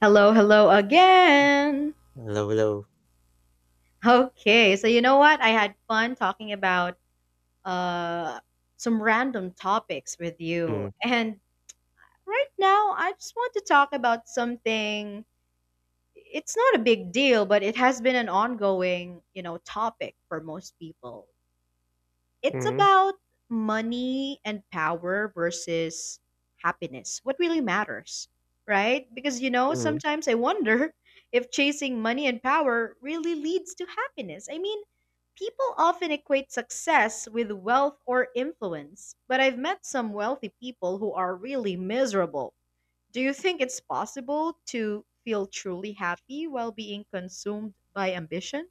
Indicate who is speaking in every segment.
Speaker 1: Hello, hello again.
Speaker 2: Hello. Low.
Speaker 1: Okay, so you know what? I had fun talking about uh some random topics with you.
Speaker 2: Mm,
Speaker 1: And right now, I just want to talk about something. It's not a big deal, but it has been an ongoing, you know, topic for most people. It's
Speaker 2: mm,
Speaker 1: about money and power versus happiness. What really matters, right? Because, you know,
Speaker 2: mm.
Speaker 1: sometimes I wonder if chasing money and power really leads to happiness. I mean, people often equate success with wealth or influence, but I've met some wealthy people who are really miserable. Do you think it's possible to feel truly happy while being consumed by ambition?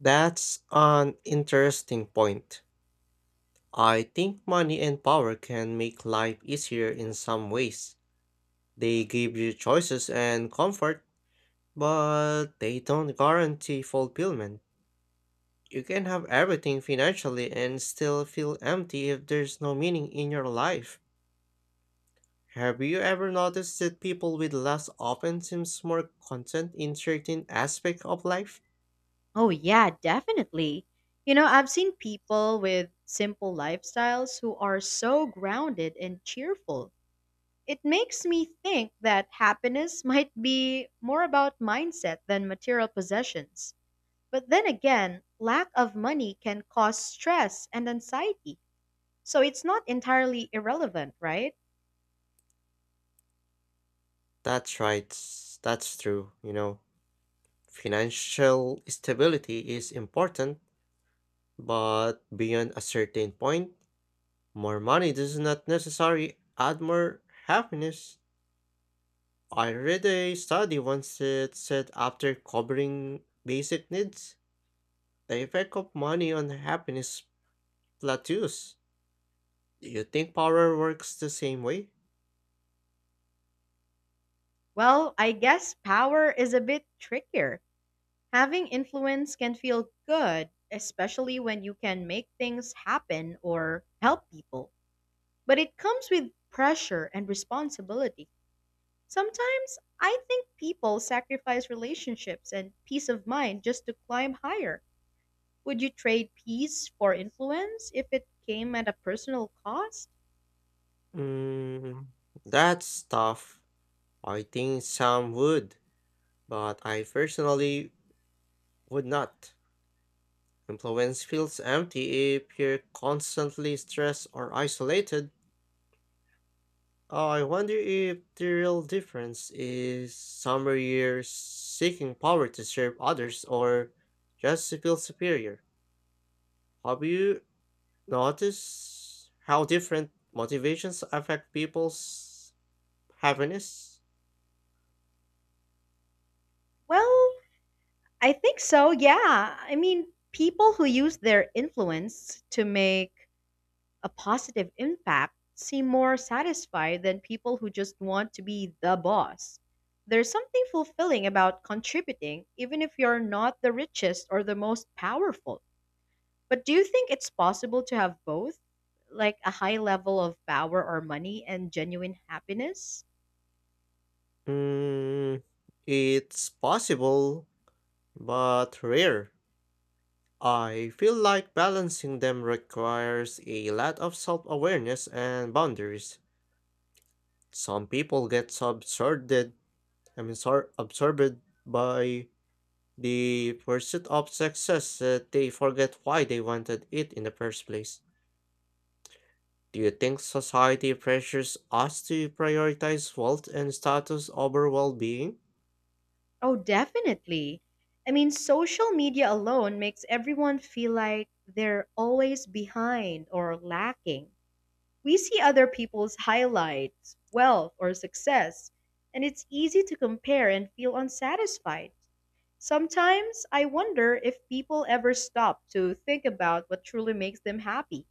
Speaker 2: That's an interesting point. I think money and power can make life easier in some ways. They give you choices and comfort, but they don't guarantee fulfillment. You can have everything financially and still feel empty if there's no meaning in your life. Have you ever noticed that people with less often seems more content in certain aspects of life?
Speaker 1: Oh, yeah, definitely. You know, I've seen people with simple lifestyles who are so grounded and cheerful. It makes me think that happiness might be more about mindset than material possessions. But then again, lack of money can cause stress and anxiety. So it's not entirely irrelevant, right?
Speaker 2: That's right. That's true. You know, financial stability is important, but beyond a certain point, more money does not necessarily add more happiness. I read a study once that said after covering basic needs, the effect of money on happiness plateaus. Do you think power works the same way?
Speaker 1: Well, I guess power is a bit trickier. Having influence can feel good, especially when you can make things happen or help people. But it comes with pressure and responsibility. Sometimes I think people sacrifice relationships and peace of mind just to climb higher. Would you trade peace for influence if it came at a personal cost?
Speaker 2: Mm, that's tough. I think some would, but I personally would not. Influence feels empty if you're constantly stressed or isolated. Oh, I wonder if the real difference is somewhere you're seeking power to serve others or just to feel superior. Have you noticed how different motivations affect people's happiness?
Speaker 1: Well, I think so, yeah. I mean, people who use their influence to make a positive impact seem more satisfied than people who just want to be the boss. There's something fulfilling about contributing, even if you're not the richest or the most powerful. But do you think it's possible to have both? Like a high level of power or money and genuine happiness?
Speaker 2: Mm, it's possible, but rare. I feel like balancing them requires a lot of self awareness and boundaries. Some people get so absorbed, so absorbed by the pursuit of success that they forget why they wanted it in the first place. Do you think society pressures us to prioritize wealth and status over well being?
Speaker 1: Oh, definitely. I mean, social media alone makes everyone feel like they're always behind or lacking. We see other people's highlights, wealth, or success, and it's easy to compare and feel unsatisfied. Sometimes I wonder if people ever stop to think about what truly makes them happy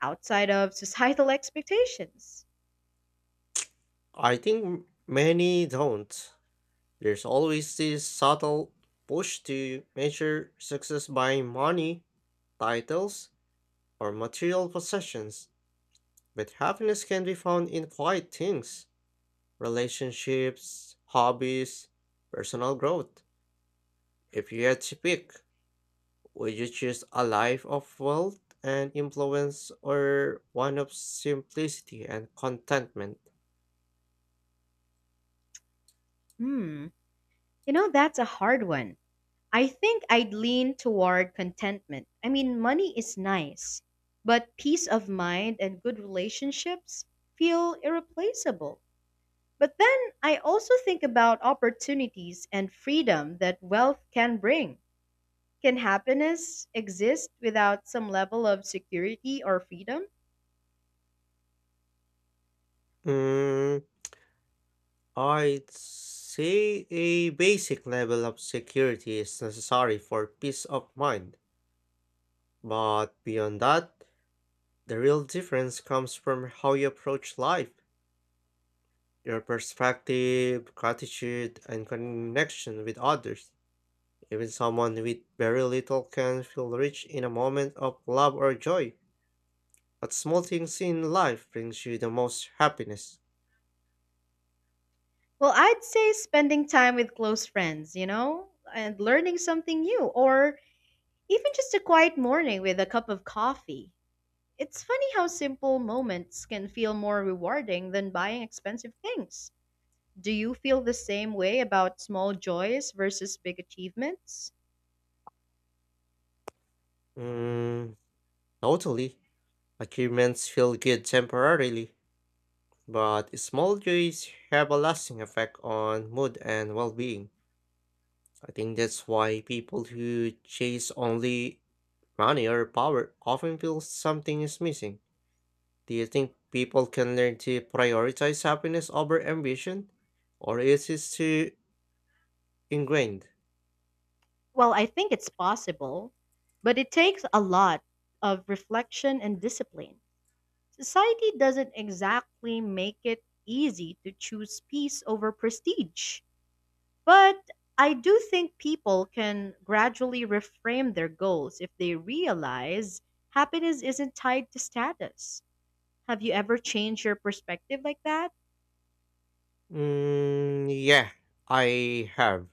Speaker 1: outside of societal expectations.
Speaker 2: I think many don't. There's always this subtle push to measure success by money, titles, or material possessions, but happiness can be found in quiet things, relationships, hobbies, personal growth. If you had to pick, would you choose a life of wealth and influence or one of simplicity and contentment?
Speaker 1: Hmm, you know, that's a hard one. I think I'd lean toward contentment. I mean, money is nice, but peace of mind and good relationships feel irreplaceable. But then I also think about opportunities and freedom that wealth can bring. Can happiness exist without some level of security or freedom?
Speaker 2: Mm, I'd say a basic level of security is necessary for peace of mind, but beyond that, the real difference comes from how you approach life, your perspective, gratitude, and connection with others. Even someone with very little can feel rich in a moment of love or joy, but small things in life brings you the most happiness.
Speaker 1: Well, I'd say spending time with close friends, you know, and learning something new, or even just a quiet morning with a cup of coffee. It's funny how simple moments can feel more rewarding than buying expensive things. Do you feel the same way about small joys versus big achievements?
Speaker 2: Mm, Totally. Achievements feel good temporarily, but small joys have a lasting effect on mood and well being. I think that's why people who chase only money or power often feel something is missing. Do you think people can learn to prioritize happiness over ambition? Or is it too ingrained?
Speaker 1: Well, I think it's possible, but it takes a lot of reflection and discipline. Society doesn't exactly make it easy to choose peace over prestige. But I do think people can gradually reframe their goals if they realize happiness isn't tied to status. Have you ever changed your perspective like that?
Speaker 2: Mm, yeah, I have.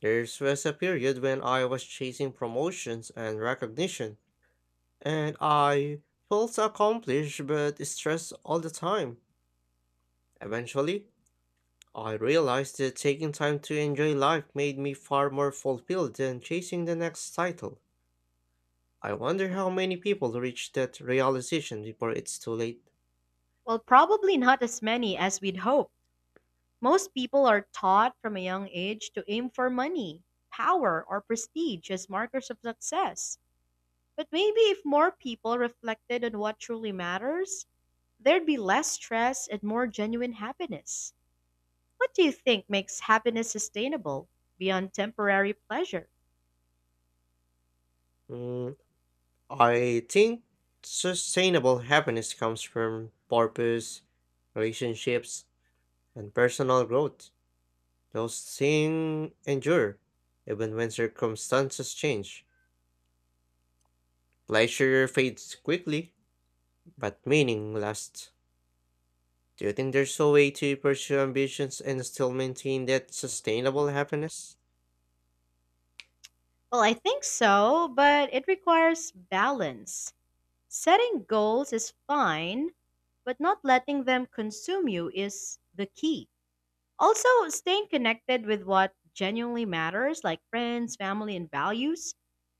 Speaker 2: There was a period when I was chasing promotions and recognition, and I felt accomplished but stressed all the time. Eventually, I realized that taking time to enjoy life made me far more fulfilled than chasing the next title. I wonder how many people reach that realization before it's too late.
Speaker 1: Well, probably not as many as we'd hope. Most people are taught from a young age to aim for money, power, or prestige as markers of success. But maybe if more people reflected on what truly matters, there'd be less stress and more genuine happiness. What do you think makes happiness sustainable beyond temporary pleasure?
Speaker 2: Mm, I think sustainable happiness comes from purpose, relationships, and personal growth. Those things endure, even when circumstances change. Pleasure fades quickly, but meaning lasts. Do you think there's a way to pursue ambitions and still maintain that sustainable happiness?
Speaker 1: Well, I think so, but it requires balance. Setting goals is fine, but not letting them consume you is the key. Also, staying connected with what genuinely matters, like friends, family, and values,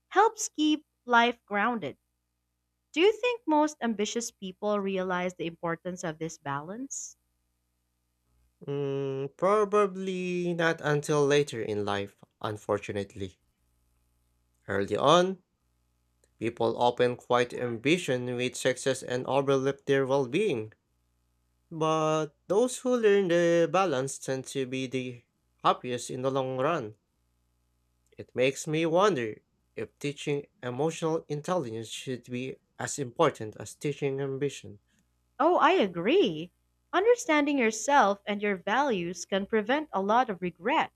Speaker 1: helps keep life grounded. Do you think most ambitious people realize the importance of this balance?
Speaker 2: Mm, probably not until later in life, unfortunately. Early on, people often quite ambition with success and overlook their well being. But those who learn the balance tend to be the happiest in the long run. It makes me wonder if teaching emotional intelligence should be as important as teaching ambition.
Speaker 1: Oh, I agree. Understanding yourself and your values can prevent a lot of regret.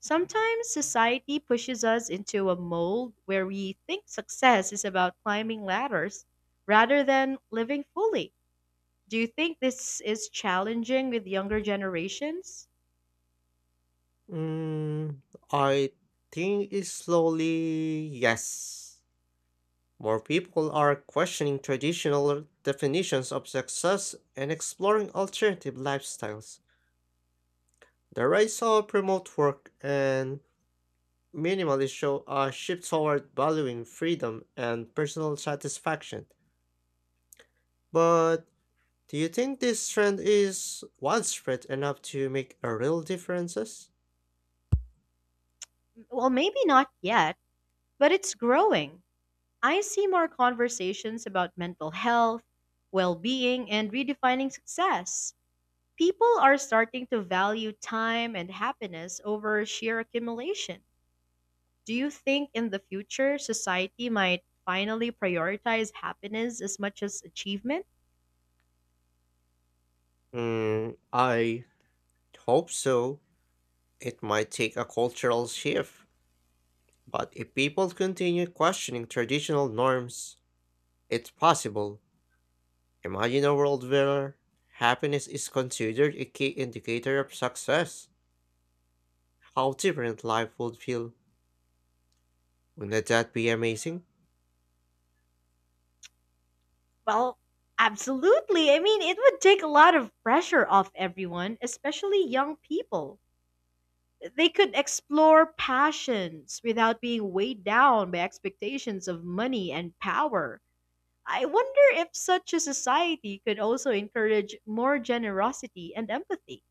Speaker 1: Sometimes society pushes us into a mold where we think success is about climbing ladders rather than living fully. Do you think this is challenging with younger generations?
Speaker 2: Mm, I think it's slowly yes. More people are questioning traditional definitions of success and exploring alternative lifestyles. The rise of remote work and minimalist show a shift toward valuing freedom and personal satisfaction. But do you think this trend is widespread enough to make a real differences?
Speaker 1: Well, maybe not yet, but it's growing. I see more conversations about mental health, well being, and redefining success. People are starting to value time and happiness over sheer accumulation. Do you think in the future society might finally prioritize happiness as much as achievement?
Speaker 2: Mm, I hope so. It might take a cultural shift, but if people continue questioning traditional norms, it's possible. Imagine a world where happiness is considered a key indicator of success. How different life would feel. Wouldn't that be amazing?
Speaker 1: Well, absolutely. I mean, it would take a lot of pressure off everyone, especially young people. They could explore passions without being weighed down by expectations of money and power. I wonder if such a society could also encourage more generosity and empathy.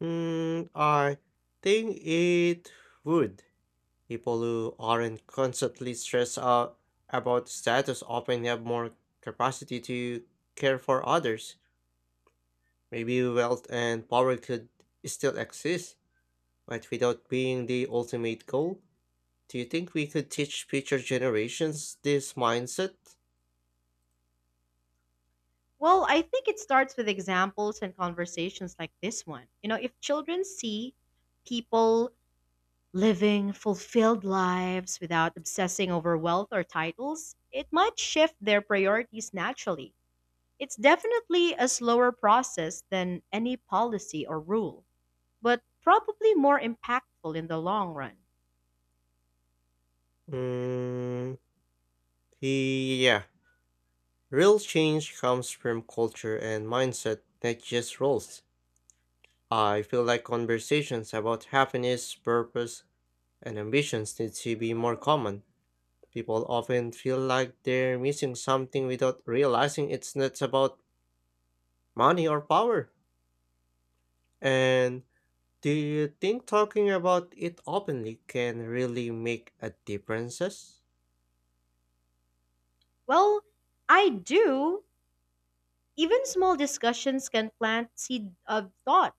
Speaker 2: I think it would. People who aren't constantly stressed out about status often have more capacity to care for others. Maybe wealth and power could still exist, but without being the ultimate goal. Do you think we could teach future generations this mindset?
Speaker 1: Well, I think it starts with examples and conversations like this one. You know, if children see people living fulfilled lives without obsessing over wealth or titles, it might shift their priorities naturally. It's definitely a slower process than any policy or rule, but probably more impactful in the long run.
Speaker 2: Mm, yeah. Real change comes from culture and mindset, not just roles. I feel like conversations about happiness, purpose, and ambitions need to be more common. People often feel like they're missing something without realizing it's not about money or power. And do you think talking about it openly can really make a difference?
Speaker 1: Well, I do. Even small discussions can plant seed of thought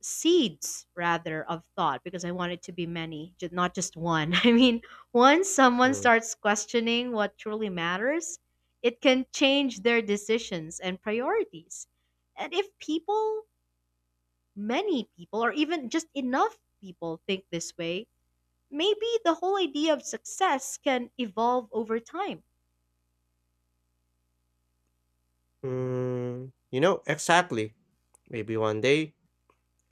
Speaker 1: seeds rather of thought because I want it to be many, ju- not just one. I mean, once someone
Speaker 2: Mm.
Speaker 1: starts questioning what truly matters, it can change their decisions and priorities. And if people, many people, or even just enough people think this way, maybe the whole idea of success can evolve over time.
Speaker 2: You know, exactly. Maybe one day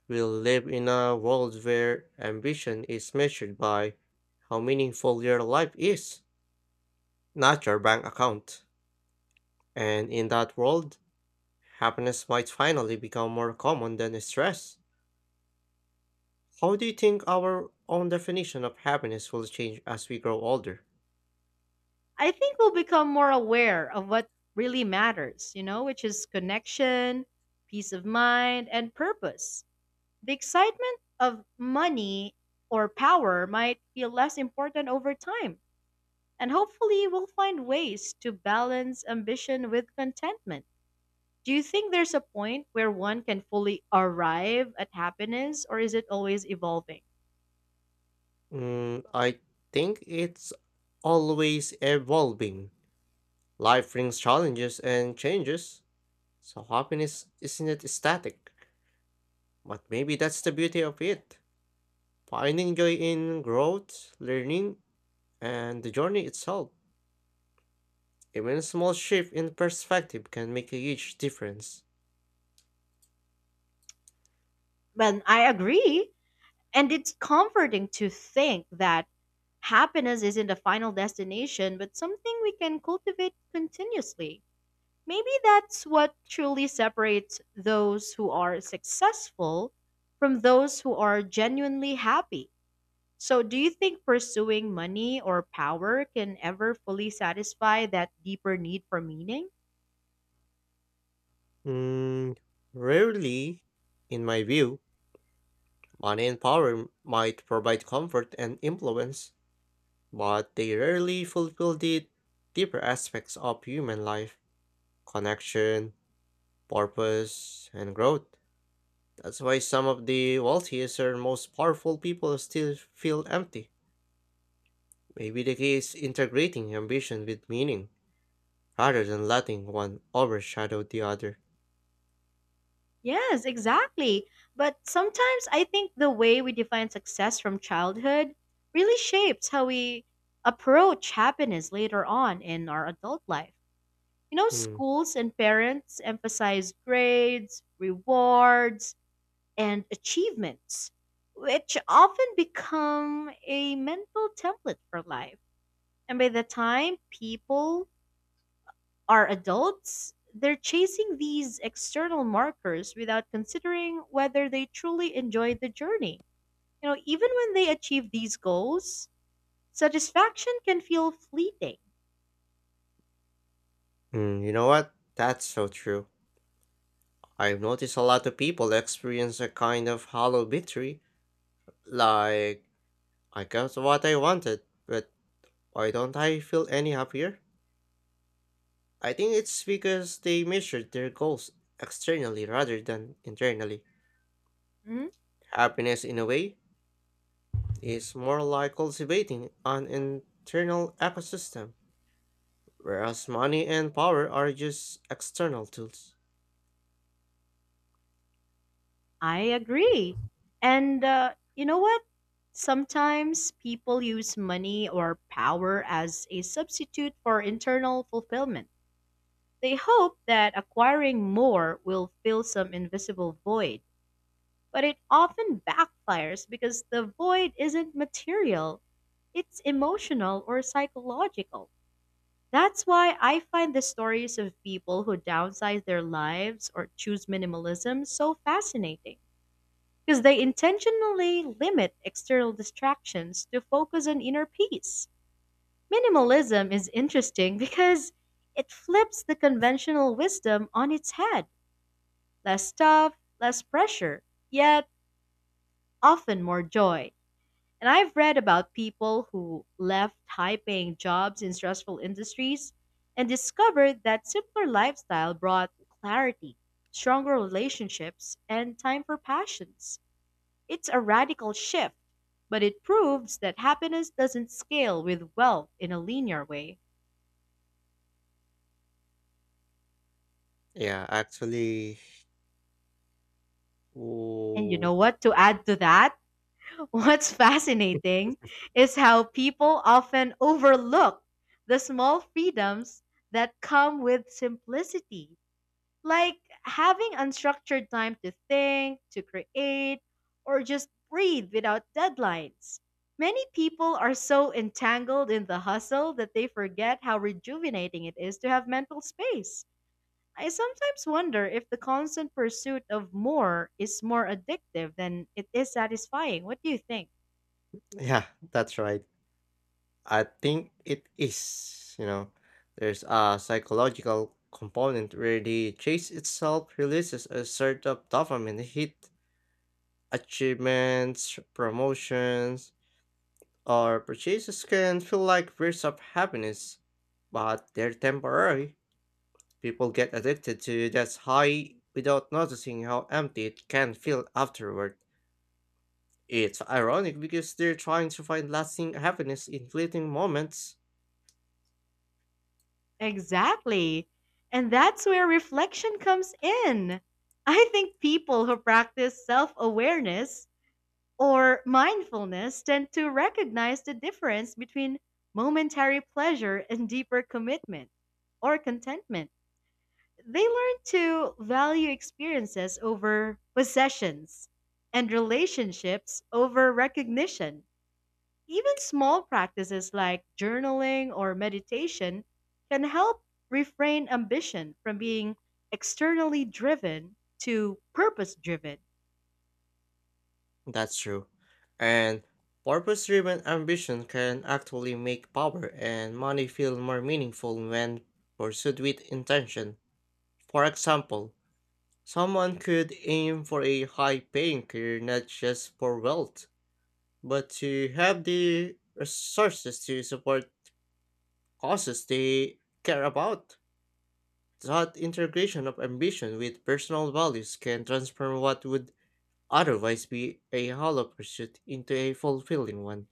Speaker 2: we'll live in a world where ambition is measured by how meaningful your life is, not your bank account. And in that world, happiness might finally become more common than stress. How do you think our own definition of happiness will change as we grow older?
Speaker 1: I think we'll become more aware of what really matters, you know, which is connection, peace of mind, and purpose. The excitement of money or power might feel less important over time, and hopefully we'll find ways to balance ambition with contentment. Do you think there's a point where one can fully arrive at happiness, or is it always evolving?
Speaker 2: I think it's always evolving. Life brings challenges and changes, so happiness isn't static. But maybe that's the beauty of it. Finding joy in growth, learning, and the journey itself. Even a small shift in perspective can make a huge difference.
Speaker 1: Well, I agree. And it's comforting to think that happiness isn't a final destination, but something we can cultivate continuously. Maybe that's what truly separates those who are successful from those who are genuinely happy. So, do you think pursuing money or power can ever fully satisfy that deeper need for meaning?
Speaker 2: Mm, Rarely, in my view, money and power might provide comfort and influence, but they rarely fulfill the deeper aspects of human life connection, purpose, and growth. That's why some of the wealthiest or most powerful people still feel empty. Maybe the key is integrating ambition with meaning rather than letting one overshadow the other.
Speaker 1: Yes, exactly. But sometimes I think the way we define success from childhood really shapes how we approach happiness later on in our adult life. You know,
Speaker 2: Hmm.
Speaker 1: schools and parents emphasize grades, rewards, and achievements, which often become a mental template for life. And by the time people are adults, they're chasing these external markers without considering whether they truly enjoy the journey. You know, even when they achieve these goals, satisfaction can feel fleeting.
Speaker 2: Hmm. You know what? That's so true. I've noticed a lot of people experience a kind of hollow victory, like, I got what I wanted, but why don't I feel any happier? I think it's because they measured their goals externally rather than internally.
Speaker 1: Hmm?
Speaker 2: Happiness, in a way, is more like cultivating an internal ecosystem, whereas money and power are just external tools.
Speaker 1: I agree. And you know what? Sometimes people use money or power as a substitute for internal fulfillment. They hope that acquiring more will fill some invisible void, but it often backfires because the void isn't material, it's emotional or psychological. That's why I find the stories of people who downsize their lives or choose minimalism so fascinating because they intentionally limit external distractions to focus on inner peace. Minimalism is interesting because it flips the conventional wisdom on its head, less stuff, less pressure, yet often more joy. And I've read about people who left high paying jobs in stressful industries and discovered that simpler lifestyle brought clarity, stronger relationships, and time for passions. It's a radical shift, but it proves that happiness doesn't scale with wealth in a linear way.
Speaker 2: Yeah, actually,
Speaker 1: And you
Speaker 2: ooh,
Speaker 1: know what? To add to that, what's fascinating is how people often overlook the small freedoms that come with simplicity, like having unstructured time to think, to create, or just breathe without deadlines. Many people are so entangled in the hustle that they forget how rejuvenating it is to have mental space. I sometimes wonder if the constant pursuit of more is more addictive than it is satisfying. What do you think?
Speaker 2: yeah, that's right. I think it is, you know, there's a psychological component where the chase itself releases a sort of dopamine hit. Achievements, promotions, or purchases can feel like bursts of happiness, but they're temporary. People get addicted to that high without noticing how empty it can feel afterward. It's ironic because they're trying to find lasting happiness in fleeting moments.
Speaker 1: Exactly. And that's where reflection comes in. I think people who practice self awareness or mindfulness tend to recognize the difference between momentary pleasure and deeper commitment or contentment. They learn to value experiences over possessions and relationships over recognition. Even small practices like journaling or meditation can help refrain ambition from being externally driven to purpose driven.
Speaker 2: That's true. And purpose driven ambition can actually make power and money feel more meaningful when pursued with intention. For example, someone could aim for a high paying career not just for wealth, but to have the resources to support causes they care about. That integration of ambition with personal values can transform what would otherwise be a hollow pursuit into a fulfilling one.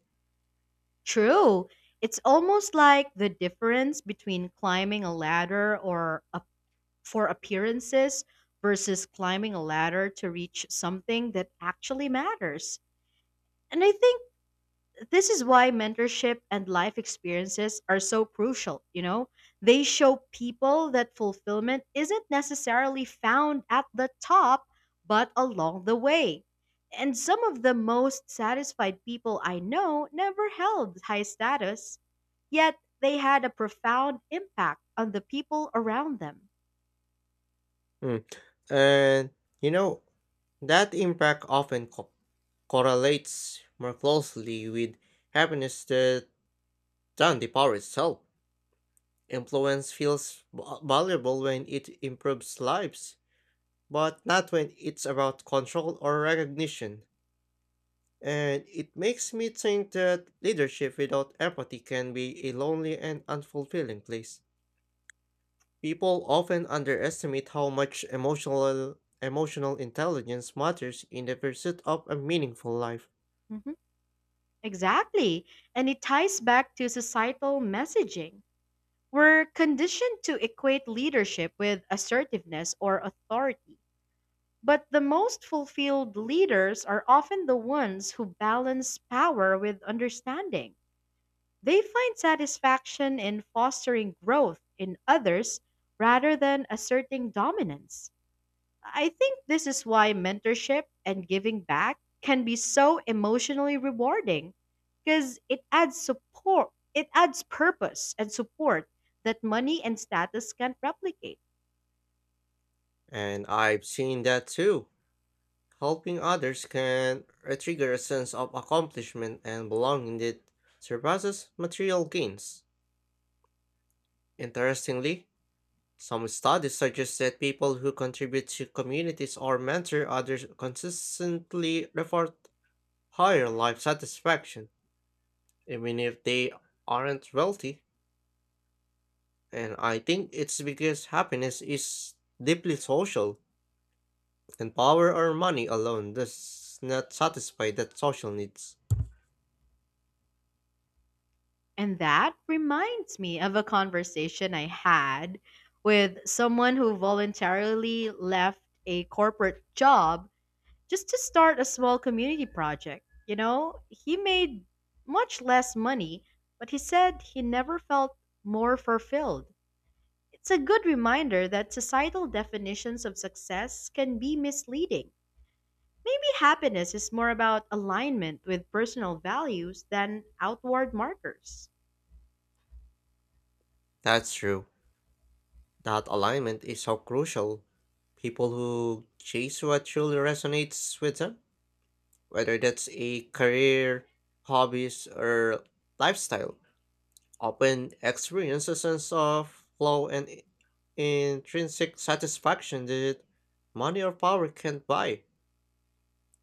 Speaker 1: True, it's almost like the difference between climbing a ladder or a, for appearances, versus climbing a ladder to reach something that actually matters. And I think this is why mentorship and life experiences are so crucial, you know? They show people that fulfillment isn't necessarily found at the top, but along the way. And some of the most satisfied people I know never held high status, yet they had a profound impact on the people around them.
Speaker 2: Mm. And you know, that impact often correlates more closely with happiness than the power itself. Influence feels valuable when it improves lives, but not when it's about control or recognition. And it makes me think that leadership without empathy can be a lonely and unfulfilling place. People often underestimate how much emotional intelligence matters in the pursuit of a meaningful life.
Speaker 1: Mhm. Exactly. And it ties back to societal messaging. We're conditioned to equate leadership with assertiveness or authority. But the most fulfilled leaders are often the ones who balance power with understanding. They find satisfaction in fostering growth in others rather than asserting dominance. I think this is why mentorship and giving back can be so emotionally rewarding because it adds support, it adds purpose and support that money and status can't replicate.
Speaker 2: And I've seen that too. Helping others can trigger a sense of accomplishment and belonging that surpasses material gains. Interestingly, some studies suggest that people who contribute to communities or mentor others consistently report higher life satisfaction, even if they aren't wealthy. And I think it's because happiness is deeply social, and power or money alone does not satisfy that social needs.
Speaker 1: And that reminds me of a conversation I had with someone who voluntarily left a corporate job just to start a small community project. You know, he made much less money, but he said he never felt more fulfilled. It's a good reminder that societal definitions of success can be misleading. Maybe happiness is more about alignment with personal values than outward markers.
Speaker 2: That's true. That alignment is so crucial. People who chase what truly resonates with them, whether that's a career, hobbies, or lifestyle, often experience a sense of flow and intrinsic satisfaction that money or power can't buy.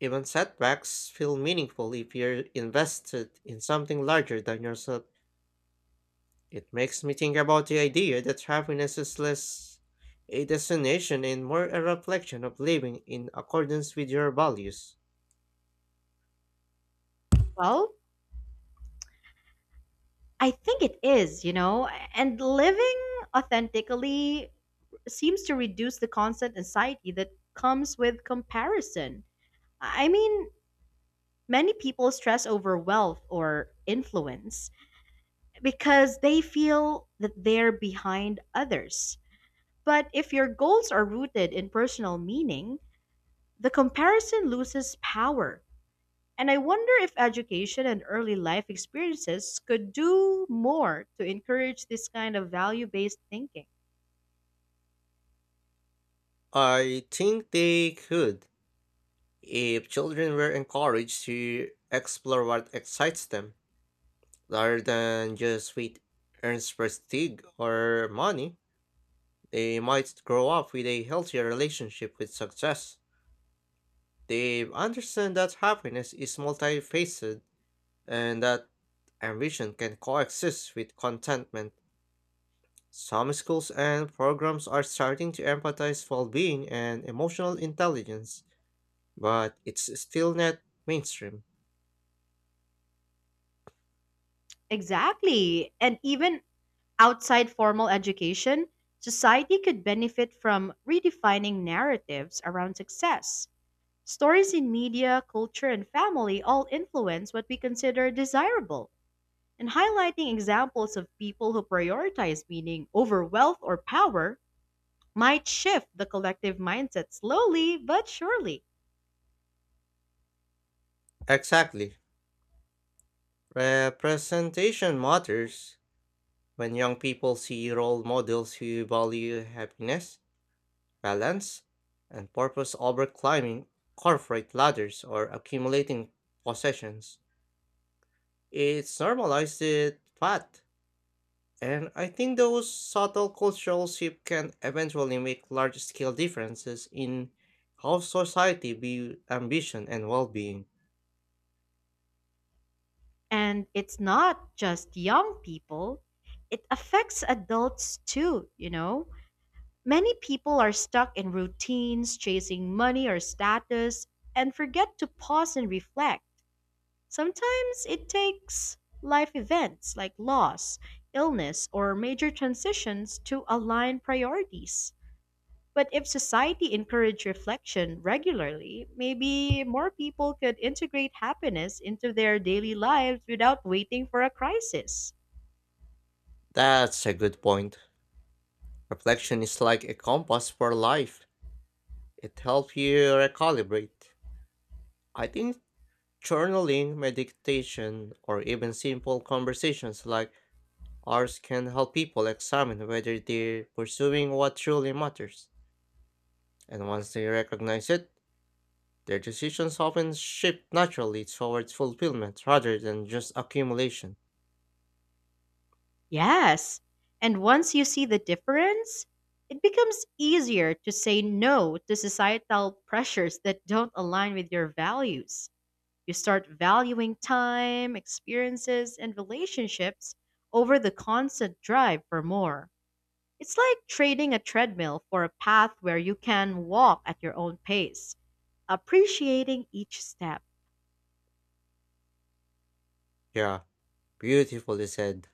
Speaker 2: Even setbacks feel meaningful if you're invested in something larger than yourself. It makes me think about the idea that happiness is less a destination and more a reflection of living in accordance with your values.
Speaker 1: Well, I think it is, you know, and living authentically seems to reduce the constant anxiety that comes with comparison. I mean, many people stress over wealth or influence because they feel that they're behind others. But if your goals are rooted in personal meaning, the comparison loses power. And I wonder if education and early life experiences could do more to encourage this kind of value based thinking.
Speaker 2: I think they could, if children were encouraged to explore what excites them, rather than just what earns prestige or money, they might grow up with a healthier relationship with success. They understand that happiness is multifaceted and that ambition can coexist with contentment. Some schools and programs are starting to emphasize well being and emotional intelligence, but it's still not mainstream.
Speaker 1: Exactly. And even outside formal education, society could benefit from redefining narratives around success. Stories in media, culture, and family all influence what we consider desirable, and highlighting examples of people who prioritize meaning over wealth or power might shift the collective mindset slowly but surely.
Speaker 2: Exactly. Representation matters when young people see role models who value happiness, balance, and purpose over climbing corporate ladders or accumulating possessions. It's normalized fat, and I think those subtle cultural shifts can eventually make large scale differences in how society views ambition and well being.
Speaker 1: And it's not just young people, it affects adults too, you know? Many people are stuck in routines, chasing money or status, and forget to pause and reflect. Sometimes it takes life events like loss, illness, or major transitions to align priorities. But if society encouraged reflection regularly, maybe more people could integrate happiness into their daily lives without waiting for a crisis.
Speaker 2: That's a good point. Reflection is like a compass for life. It helps you recalibrate. I think journaling, meditation, or even simple conversations like ours can help people examine whether they're pursuing what truly matters. And once they recognize it, their decisions often shift naturally towards fulfillment rather than just accumulation.
Speaker 1: Yes. And once you see the difference, it becomes easier to say no to societal pressures that don't align with your values. You start valuing time, experiences, and relationships over the constant drive for more. It's like trading a treadmill for a path where you can walk at your own pace, appreciating each step.
Speaker 2: Yeah, beautifully said.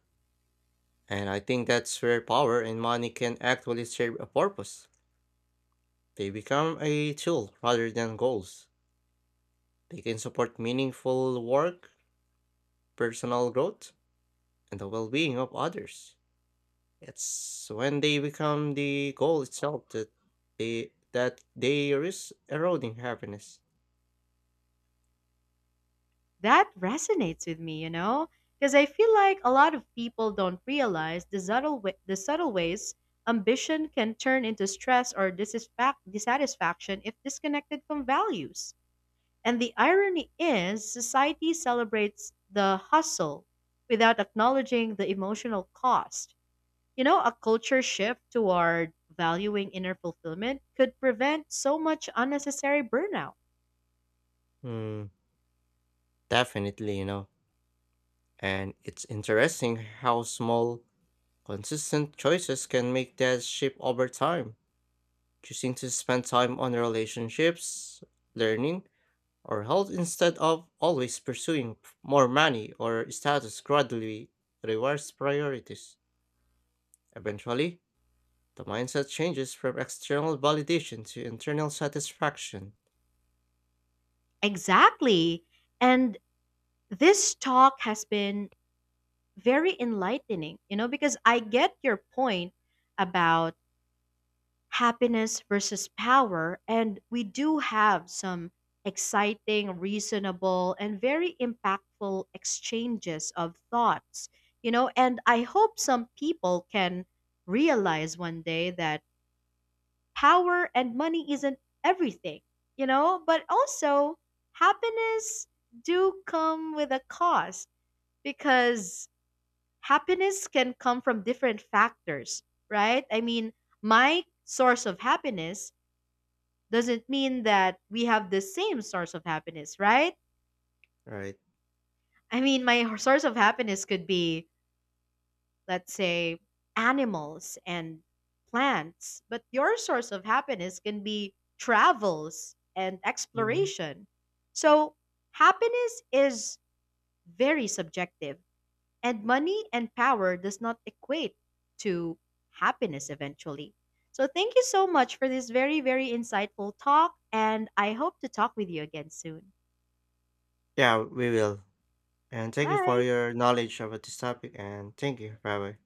Speaker 2: And I think that's where power and money can actually serve a purpose. They become a tool rather than goals. They can support meaningful work, personal growth, and the well being of others. It's when they become the goal itself that they risk eroding happiness.
Speaker 1: That resonates with me, you know, because I feel like a lot of people don't realize the subtle wa- the subtle ways ambition can turn into stress or disisfac- dissatisfaction if disconnected from values. And the irony is, society celebrates the hustle without acknowledging the emotional cost. You know, a culture shift toward valuing inner fulfillment could prevent so much unnecessary burnout.
Speaker 2: Hmm, definitely, you know. And it's interesting how small, consistent choices can make that shape over time. Choosing to spend time on relationships, learning, or health instead of always pursuing more money or status gradually rewards priorities. Eventually, the mindset changes from external validation to internal satisfaction.
Speaker 1: Exactly. And this talk has been very enlightening, you know, because I get your point about happiness versus power. And we do have some exciting, reasonable, and very impactful exchanges of thoughts, you know, and I hope some people can realize one day that power and money isn't everything, you know, but also happiness do come with a cost because happiness can come from different factors, right? I mean, my source of happiness doesn't mean that we have the same source of happiness, right?
Speaker 2: Right.
Speaker 1: I mean, my source of happiness could be, let's say, animals and plants, but your source of happiness can be travels and
Speaker 2: Mhm.
Speaker 1: exploration. So, happiness is very subjective and money and power does not equate to happiness eventually. So thank you so much for this very very insightful talk and I hope to talk with you again soon.
Speaker 2: Yeah, we will. And thank you for
Speaker 1: Bye.
Speaker 2: your knowledge about this topic and thank you. Bye bye.